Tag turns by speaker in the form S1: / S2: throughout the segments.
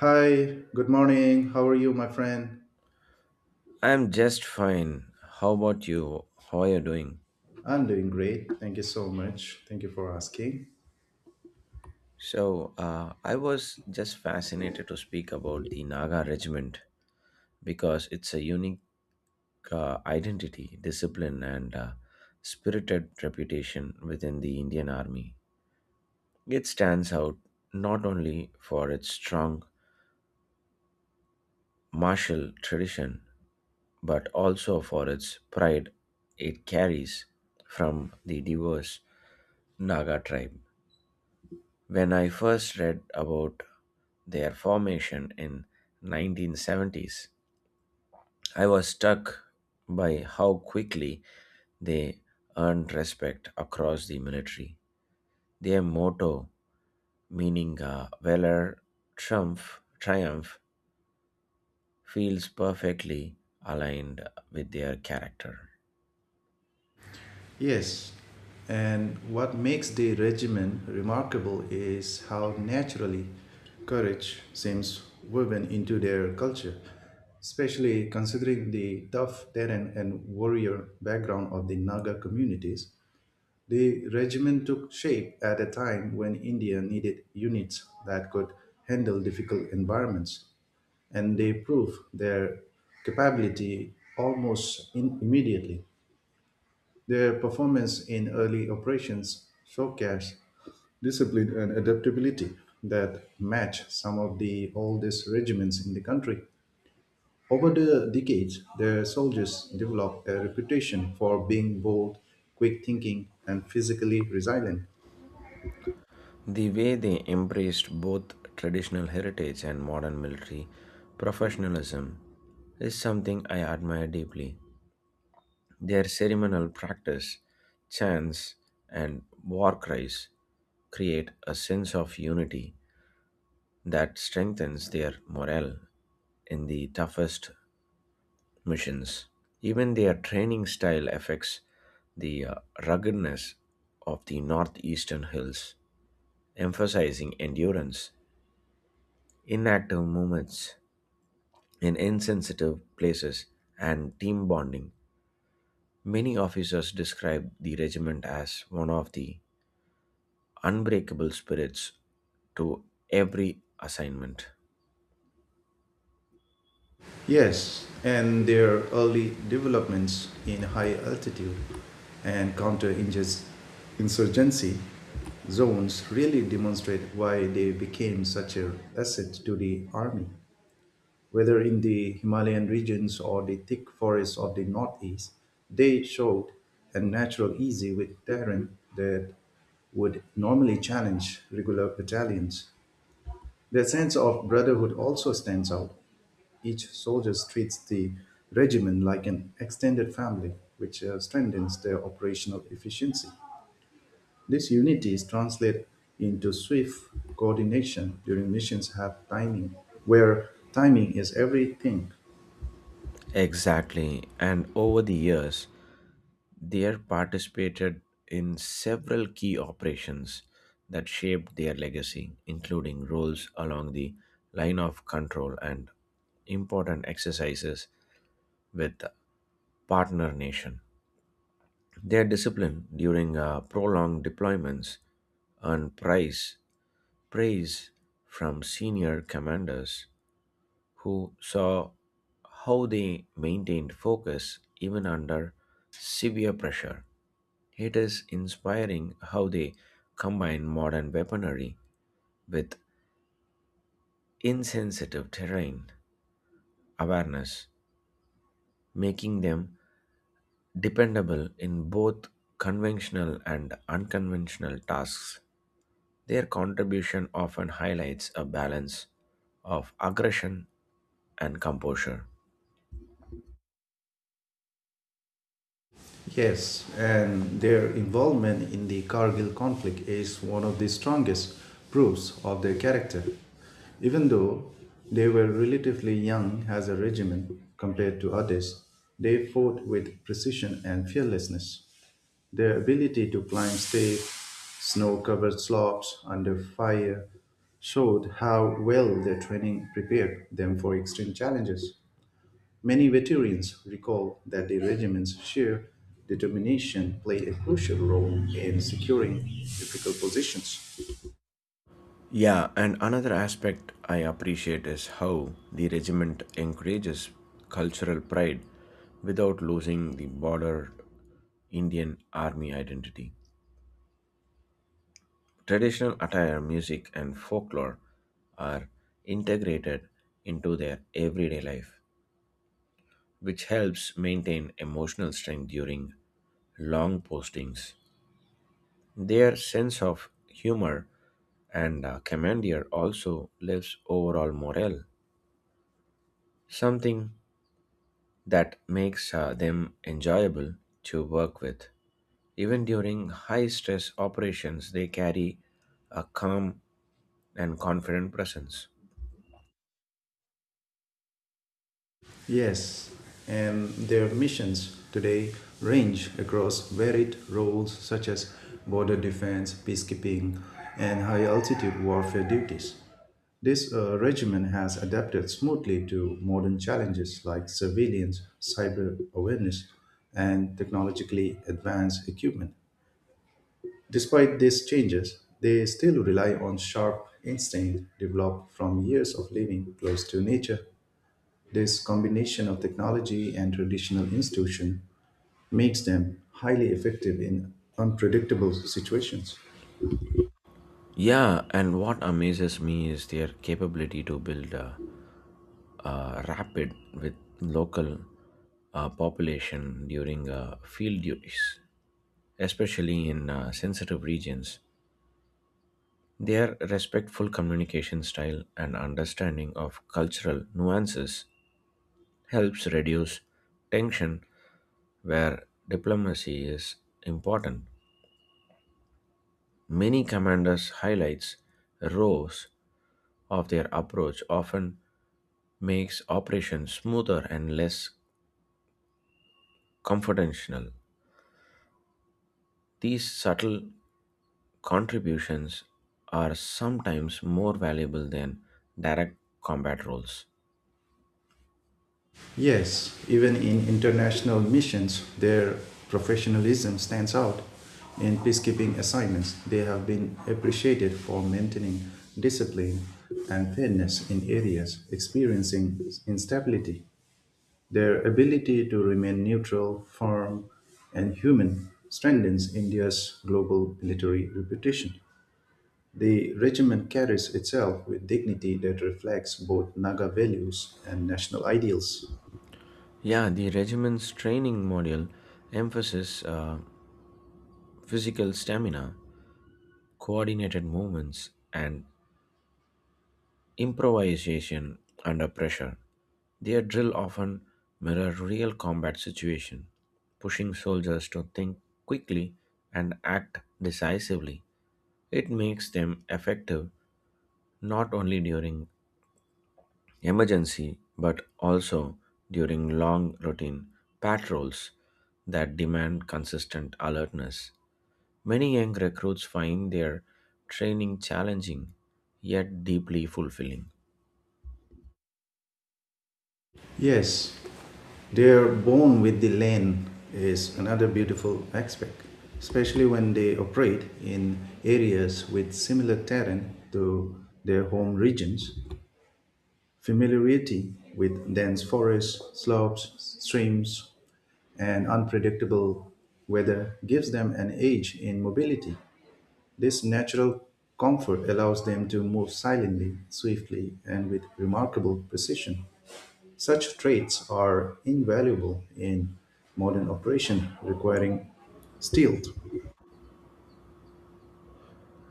S1: Hi, good morning. How are you, my friend?
S2: I'm just fine. How about you? How are you doing?
S1: I'm doing great. Thank you so much. Thank you for asking.
S2: I was just fascinated to speak about the Naga regiment because it's a unique identity, discipline, and spirited reputation within the Indian Army. It stands out not only for its strong martial tradition but also for its pride it carries from the diverse Naga tribe. When I first read about their formation in 1970s, I was struck by how quickly they earned respect across the military. Their motto, meaning valor triumph, feels perfectly aligned with their character.
S1: Yes, and what makes the regimen remarkable is how naturally courage seems woven into their culture, especially considering the tough terrain and warrior background of the Naga communities. The regiment took shape at a time when India needed units that could handle difficult environments and they prove their capability almost immediately. Their performance in early operations showcased discipline and adaptability that match some of the oldest regiments in the country. Over the decades, their soldiers developed a reputation for being bold, quick thinking, and physically resilient.
S2: The way they embraced both traditional heritage and modern military professionalism is something I admire deeply. Their ceremonial practice, chants, and war cries create a sense of unity that strengthens their morale in the toughest missions. Even their training style affects the ruggedness of the northeastern hills, emphasizing endurance, inactive movements in insensitive places, and team bonding. Many officers describe the regiment as one of the unbreakable spirits to every assignment.
S1: Yes, and their early developments in high altitude and counter insurgency zones really demonstrate why they became such an asset to the army. Whether in the Himalayan regions or the thick forests of the northeast, they showed a natural ease with terrain that would normally challenge regular battalions. Their sense of brotherhood also stands out. Each soldier treats the regiment like an extended family, which strengthens their operational efficiency. This unity is translated into swift coordination during missions have timing, where timing is everything.
S2: Exactly, and over the years, they have participated in several key operations that shaped their legacy, including roles along the line of control and important exercises with partner nation. Their discipline during prolonged deployments earned prize, praise from senior commanders who saw how they maintained focus even under severe pressure. It is inspiring how they combine modern weaponry with insensitive terrain awareness, making them dependable in both conventional and unconventional tasks. Their contribution often highlights a balance of aggression and composure.
S1: Yes, and their involvement in the Kargil conflict is one of the strongest proofs of their character. Even though they were relatively young as a regiment compared to others, they fought with precision and fearlessness. Their ability to climb steep, snow covered slopes under fire showed how well their training prepared them for extreme challenges. Many veterans recall that their regiment's sheer determination played a crucial role in securing difficult positions.
S2: Yeah, and another aspect I appreciate is how the regiment encourages cultural pride without losing the border Indian army identity. Traditional attire, music, and folklore are integrated into their everyday life, which helps maintain emotional strength during long postings. Their sense of humor and commandeer also lifts overall morale, something that makes them enjoyable to work with. Even during high stress operations, they carry a calm and confident presence.
S1: Yes, and their missions today range across varied roles such as border defense, peacekeeping, and high altitude warfare duties. This regimen has adapted smoothly to modern challenges like surveillance, cyber awareness, and technologically advanced equipment. Despite these changes, they still rely on sharp instinct developed from years of living close to nature. This combination of technology and traditional institution makes them highly effective in unpredictable situations.
S2: Yeah, and what amazes me is their capability to build a rapid with local population during field duties, especially in sensitive regions. Their respectful communication style and understanding of cultural nuances helps reduce tension where diplomacy is important. Many commanders highlights rows of their approach often makes operations smoother and less confrontational. These subtle contributions are sometimes more valuable than direct combat roles.
S1: Yes, even in international missions, their professionalism stands out. In peacekeeping assignments, they have been appreciated for maintaining discipline and fairness in areas experiencing instability. Their ability to remain neutral, firm, and human strengthens India's global military reputation. The regiment carries itself with dignity that reflects both Naga values and national ideals.
S2: Yeah, the regiment's training module emphasizes physical stamina, coordinated movements, and improvisation under pressure. Their drill often mirrored real combat situation, pushing soldiers to think quickly and act decisively. It makes them effective not only during emergency but also during long routine patrols that demand consistent alertness. Many young recruits find their training challenging yet deeply fulfilling.
S1: Yes, their bond with the land is another beautiful aspect, especially when they operate in areas with similar terrain to their home regions. Familiarity with dense forests, slopes, streams, and unpredictable weather gives them an edge in mobility. This natural comfort allows them to move silently, swiftly, and with remarkable precision. Such traits are invaluable in modern operation requiring stealth.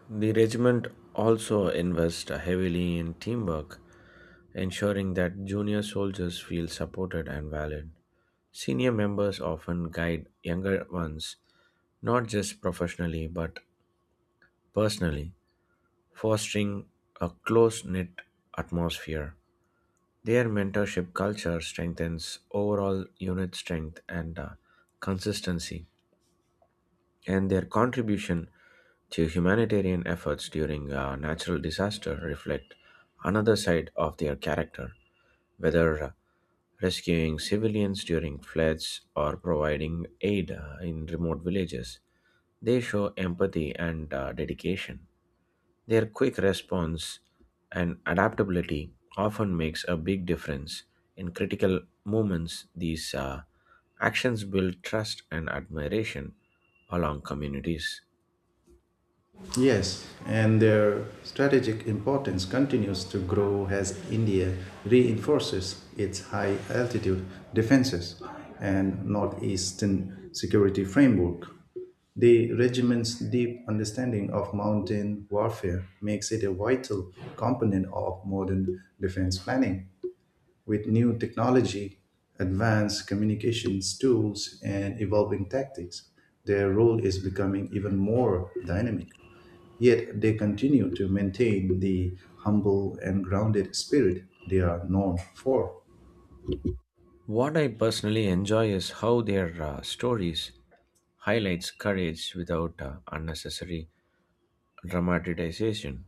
S2: The regiment also invests heavily in teamwork, ensuring that junior soldiers feel supported and valued. Senior members often guide younger ones, not just professionally but personally, fostering a close knit atmosphere. Their mentorship culture strengthens overall unit strength and consistency and their contribution to humanitarian efforts during a natural disaster reflect another side of their character, whether rescuing civilians during floods or providing aid in remote villages. They show empathy and dedication. Their quick response and adaptability often makes a big difference in critical moments. These actions build trust and admiration along communities.
S1: Yes, and their strategic importance continues to grow as India reinforces its high altitude defenses and northeastern security framework. The regiment's deep understanding of mountain warfare makes it a vital component of modern defense planning. With new technology, advanced communications tools, and evolving tactics, their role is becoming even more dynamic. Yet they continue to maintain the humble and grounded spirit they are known for.
S2: What I personally enjoy is how their stories highlights courage without unnecessary dramatization.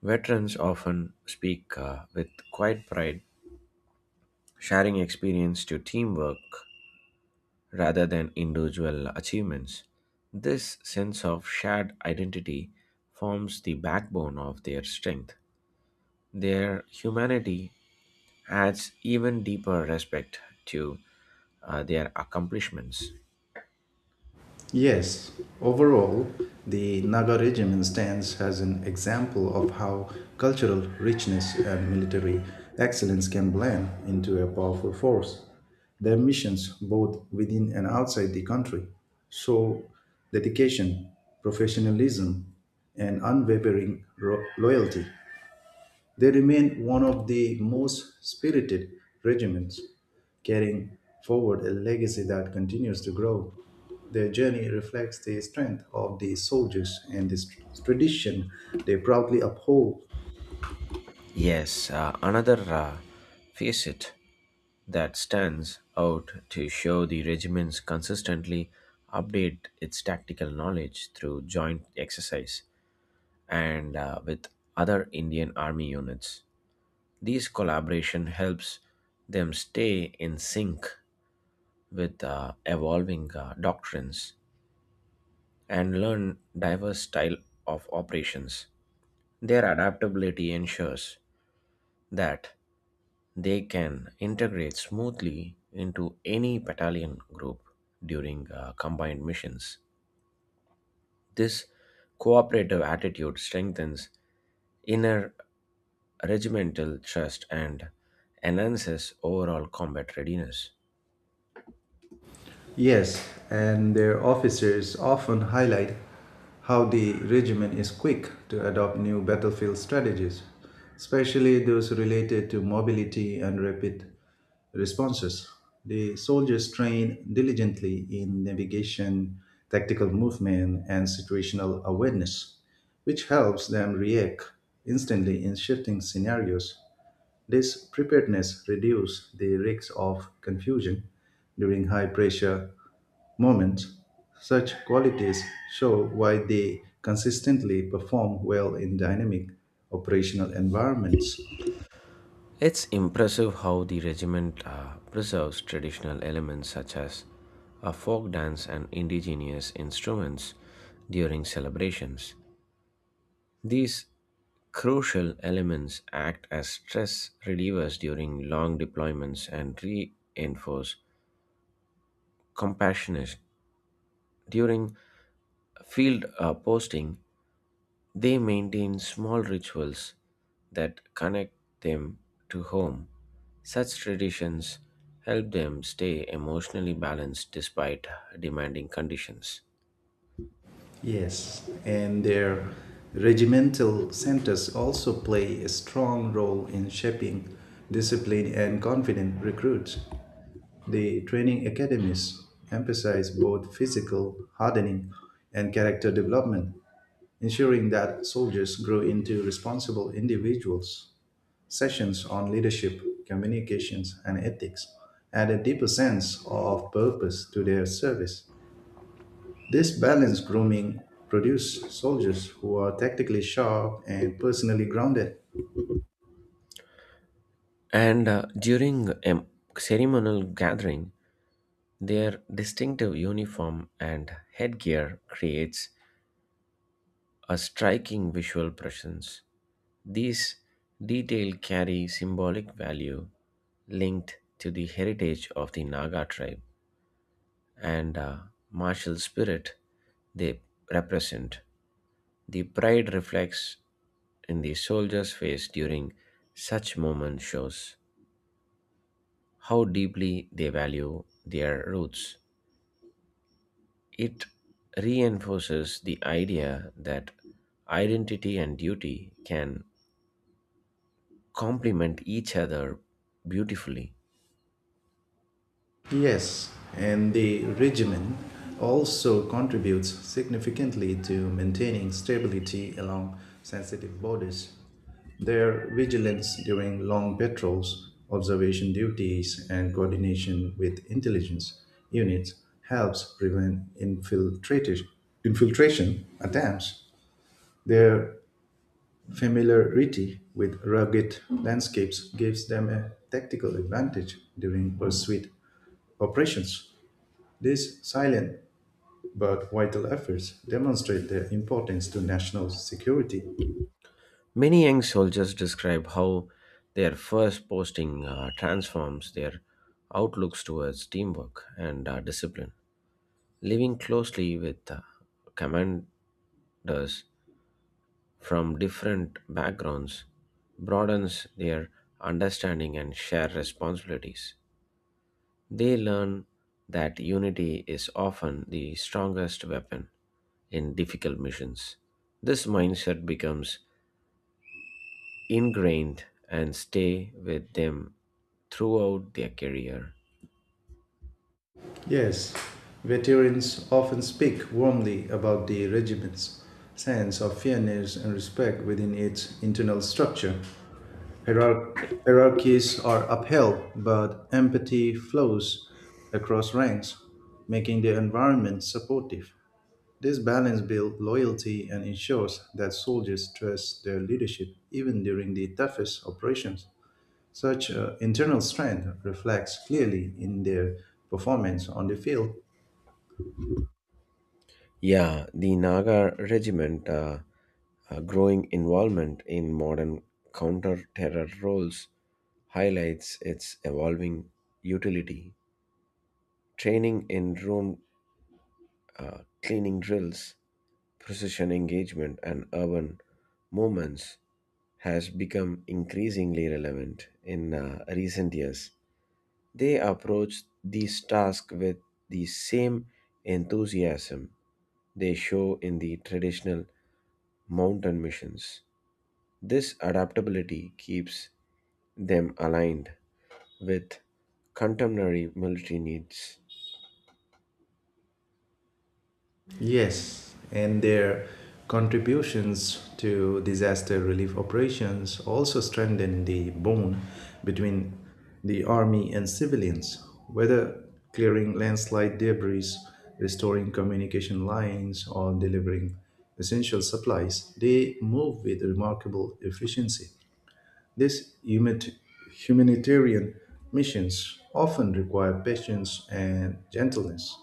S2: Veterans often speak with quiet pride, sharing experience to teamwork rather than individual achievements. This sense of shared identity forms the backbone of their strength. Their humanity adds even deeper respect to their accomplishments.
S1: Yes, overall, the Naga regiment stands as an example of how cultural richness and military excellence can blend into a powerful force. Their missions, both within and outside the country, show dedication, professionalism, and unwavering loyalty. They remain one of the most spirited regiments, carrying forward a legacy that continues to grow. Their journey reflects the strength of the soldiers and the tradition they proudly uphold.
S2: Yes, another facet that stands out to show the regiments consistently update its tactical knowledge through joint exercise and with other Indian army units. These collaboration helps them stay in sync with evolving doctrines and learn diverse style of operations. Their adaptability ensures that they can integrate smoothly into any battalion group during combined missions. This cooperative attitude strengthens inner regimental trust and enhances overall combat readiness.
S1: Yes, and their officers often highlight how the regiment is quick to adopt new battlefield strategies, especially those related to mobility and rapid responses. The soldiers train diligently in navigation, tactical movement, and situational awareness, which helps them react instantly in shifting scenarios. This preparedness reduces the risk of confusion during high pressure moments. Such qualities show why they consistently perform well in dynamic operational environments.
S2: It's impressive how the regiment preserves traditional elements such as a folk dance and indigenous instruments during celebrations. These crucial elements act as stress relievers during long deployments and reinforce compassionate during field posting. They maintain small rituals that connect them to home. Such traditions help them stay emotionally balanced despite demanding conditions.
S1: Yes, and their regimental centers also play a strong role in shaping disciplined and confident recruits. The training academies emphasize both physical hardening and character development, ensuring that soldiers grow into responsible individuals. Sessions on leadership, communications, and ethics add a deeper sense of purpose to their service. This balanced grooming produces soldiers who are tactically sharp and personally grounded.
S2: And during a ceremonial gathering, their distinctive uniform and headgear creates a striking visual presence. These details carry symbolic value linked to the heritage of the Naga tribe and martial spirit they represent. The pride reflects in the soldier's face during such moments shows how deeply they value their roots. It reinforces the idea that identity and duty can complement each other beautifully.
S1: Yes, and the regimen also contributes significantly to maintaining stability along sensitive borders. Their vigilance during long patrols, observation duties, and coordination with intelligence units helps prevent infiltration attempts. Their familiarity with rugged landscapes gives them a tactical advantage during pursuit operations. These silent but vital efforts demonstrate their importance to national security.
S2: Many young soldiers describe how their first posting transforms their outlooks towards teamwork and discipline. Living closely with commanders from different backgrounds broadens their understanding and shared responsibilities. They learn that unity is often the strongest weapon in difficult missions. This mindset becomes ingrained and stay with them throughout their career.
S1: Yes, veterans often speak warmly about the regiment's sense of fairness and respect within its internal structure. Hierarchies are upheld, but empathy flows across ranks, making the environment supportive. This balance builds loyalty and ensures that soldiers trust their leadership even during the toughest operations. Such internal strength reflects clearly in their performance on the field.
S2: Yeah, the Naga Regiment growing involvement in modern counter-terror roles highlights its evolving utility. Training in room cleaning drills, precision engagement, and urban movements has become increasingly relevant in recent years. They approach these tasks with the same enthusiasm they show in the traditional mountain missions. This adaptability keeps them aligned with contemporary military needs.
S1: Yes, and their contributions to disaster relief operations also strengthen the bond between the army and civilians, whether clearing landslide debris, restoring communication lines, or delivering essential supplies, they move with remarkable efficiency. These humanitarian missions often require patience and gentleness,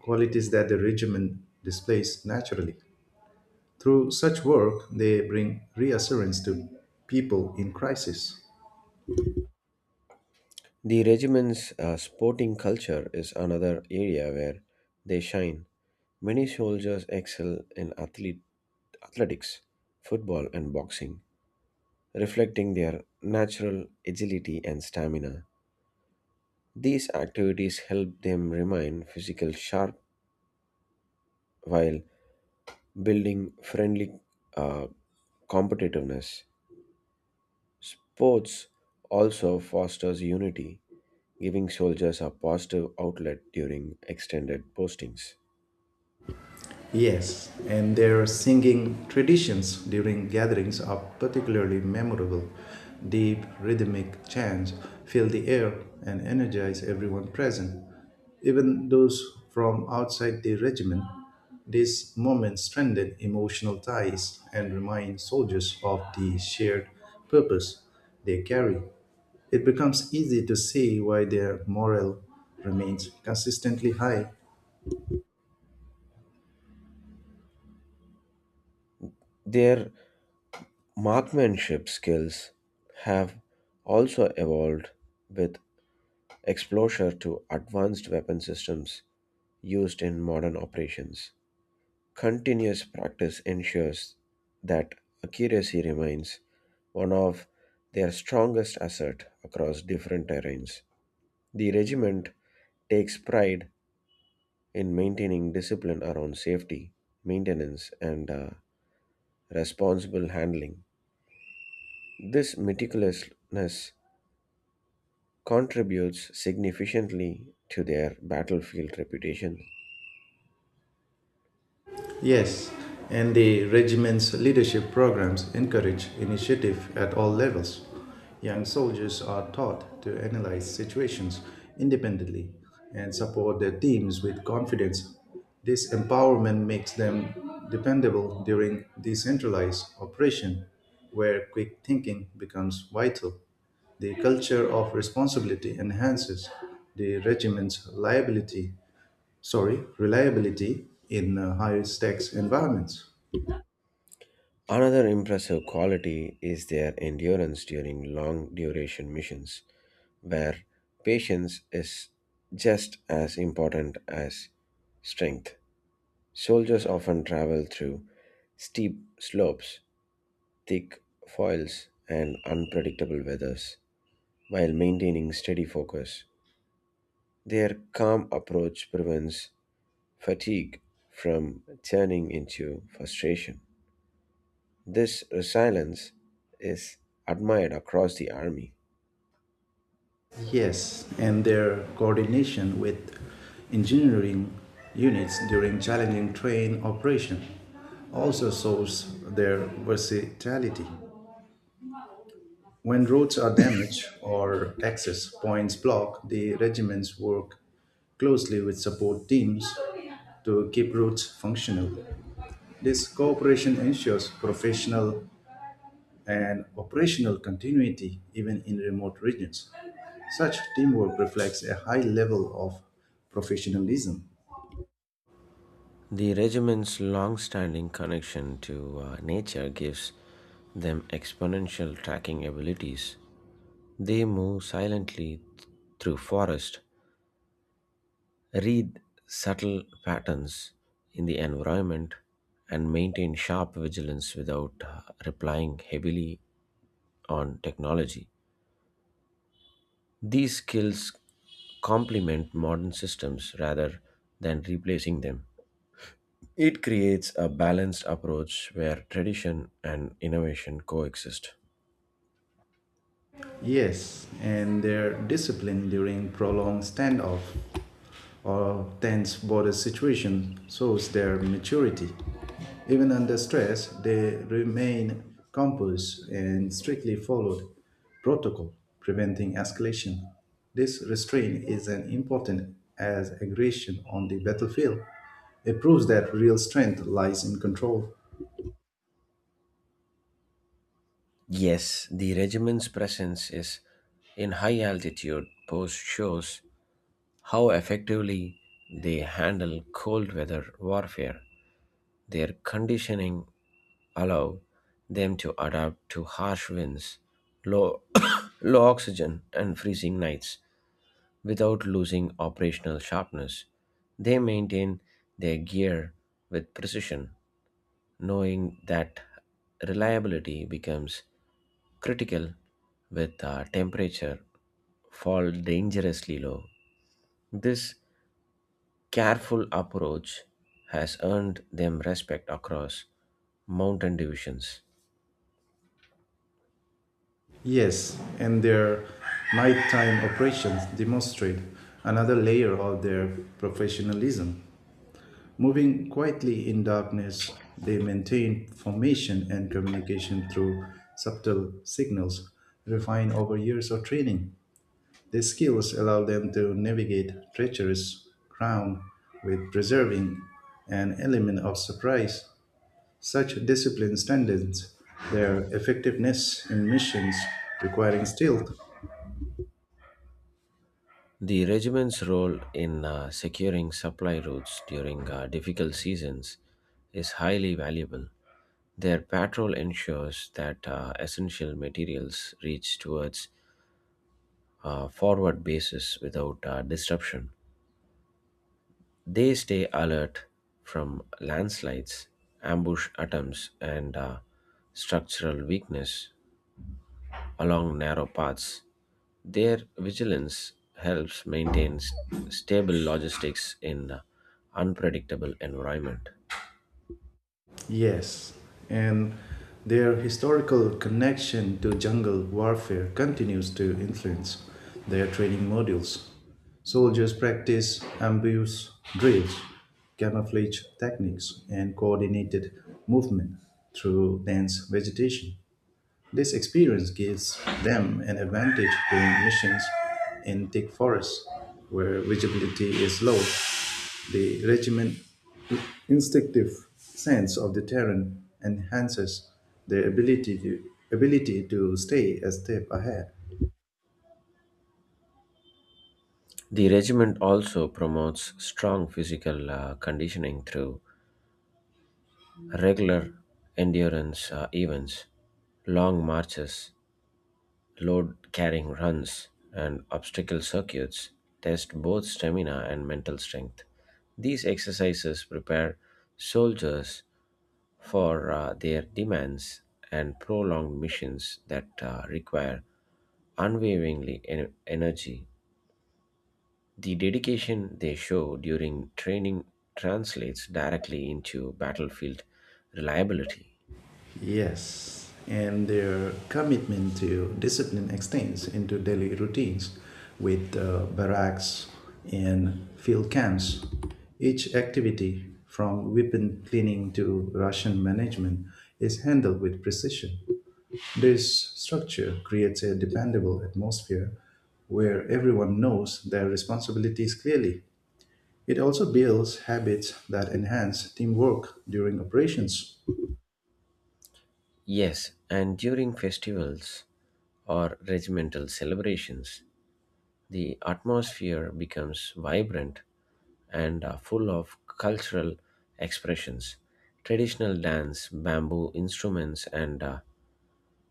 S1: qualities that the regiment displays naturally. Through such work, they bring reassurance to people in crisis.
S2: The regiment's sporting culture is another area where they shine. Many soldiers excel in athletics, football, and boxing, reflecting their natural agility and stamina. These activities help them remain physical sharp while building friendly uh, competitiveness. Sports also fosters unity, giving soldiers a positive outlet during extended postings.
S1: Yes, and their singing traditions during gatherings are particularly memorable. Deep rhythmic chants fill the air and energize everyone present. Even those from outside the regiment, these moments strengthen emotional ties and remind soldiers of the shared purpose they carry. It becomes easy to see why their morale remains consistently high.
S2: Their marksmanship skills have also evolved with exposure to advanced weapon systems used in modern operations. Continuous practice ensures that accuracy remains one of their strongest asset across different terrains. The regiment takes pride in maintaining discipline around safety, maintenance, and responsible handling. This meticulousness contributes significantly to their battlefield reputation.
S1: Yes, and the regiment's leadership programs encourage initiative at all levels. Young soldiers are taught to analyze situations independently and support their teams with confidence. This empowerment makes them dependable during decentralized operation, where quick thinking becomes vital. The culture of responsibility enhances the regiment's liability sorry, reliability in higher stakes environments.
S2: Another impressive quality is their endurance during long duration missions, where patience is just as important as strength. Soldiers often travel through steep slopes, thick foils, and unpredictable weathers while maintaining steady focus. Their calm approach prevents fatigue from turning into frustration. This resilience is admired across the army.
S1: Yes, and their coordination with engineering units during challenging train operation also shows their versatility. When roads are damaged or access points blocked, the regiments work closely with support teams to keep routes functional. This cooperation ensures professional and operational continuity even in remote regions. Such teamwork reflects a high level of professionalism.
S2: The regiment's long standing connection to nature gives them exponential tracking abilities. They move silently through forest, read subtle patterns in the environment, and maintain sharp vigilance without relying heavily on technology. These skills complement modern systems rather than replacing them. It creates a balanced approach where tradition and innovation coexist.
S1: Yes, and their discipline during prolonged standoff or tense border situation shows their maturity. Even under stress, they remain composed and strictly followed protocol, preventing escalation. This restraint is an important as aggression on the battlefield. It proves that real strength lies in control.
S2: Yes, the regiment's presence is in high altitude post shows how effectively they handle cold weather warfare. Their conditioning allow them to adapt to harsh winds, low, low oxygen, and freezing nights without losing operational sharpness. They maintain their gear with precision, knowing that reliability becomes critical with temperature fall dangerously low. This careful approach has earned them respect across mountain divisions.
S1: Yes, and their nighttime operations demonstrate another layer of their professionalism. Moving quietly in darkness, they maintain formation and communication through subtle signals refined over years of training. Their skills allow them to navigate treacherous ground with preserving an element of surprise. Such discipline strengthens their effectiveness in missions requiring stealth.
S2: The regiment's role in securing supply routes during difficult seasons is highly valuable. Their patrol ensures that essential materials reach towards forward bases without disruption. They stay alert from landslides, ambush attempts, and structural weakness along narrow paths. Their vigilance helps maintain stable logistics in an unpredictable environment.
S1: Yes, and their historical connection to jungle warfare continues to influence their training modules. Soldiers practice ambush drills, camouflage techniques, and coordinated movement through dense vegetation. This experience gives them an advantage during missions in thick forests where visibility is low. The regiment's instinctive sense of the terrain enhances their ability to stay a step ahead.
S2: The regiment also promotes strong physical conditioning through regular endurance events, long marches, load carrying runs, and obstacle circuits test both stamina and mental strength. These exercises prepare soldiers for their demands and prolonged missions that require energy. The dedication they show during training translates directly into battlefield reliability.
S1: Yes, and their commitment to discipline extends into daily routines with barracks and field camps. Each activity, from weapon cleaning to ration management, is handled with precision. This structure creates a dependable atmosphere where everyone knows their responsibilities clearly. It also builds habits that enhance teamwork during operations.
S2: Yes, and during festivals or regimental celebrations, the atmosphere becomes vibrant and full of cultural expressions. Traditional dance, bamboo instruments, and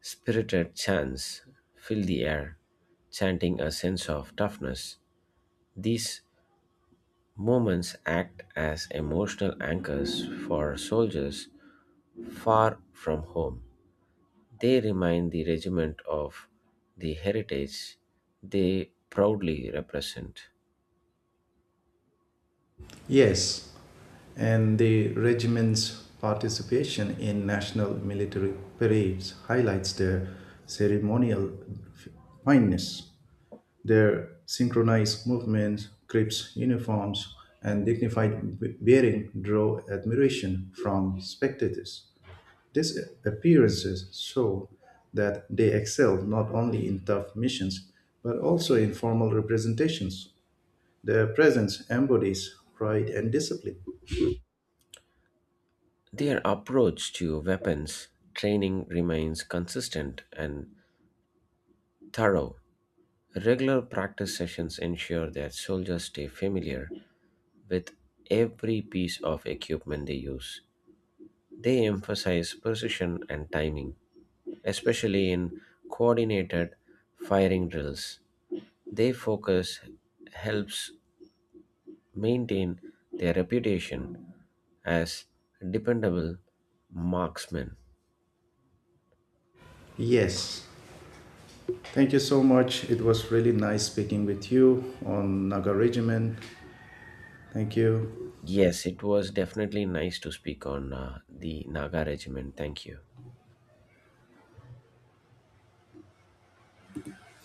S2: spirited chants fill the air, chanting a sense of toughness. These moments act as emotional anchors for soldiers far from home. They remind the regiment of the heritage they proudly represent.
S1: Yes, and the regiment's participation in national military parades highlights their ceremonial fineness. Their synchronized movements, crisp uniforms, and dignified bearing draw admiration from spectators. These appearances show that they excel not only in tough missions but also in formal representations. Their presence embodies pride and discipline.
S2: Their approach to weapons training remains consistent and thorough. Regular practice sessions ensure that soldiers stay familiar with every piece of equipment they use. They emphasize precision and timing, especially in coordinated firing drills. Their focus helps maintain their reputation as dependable marksmen.
S1: Yes. Thank you so much. It was really nice speaking with you on Naga Regiment. Thank you.
S2: Yes, it was definitely nice to speak on the Naga regiment. Thank you.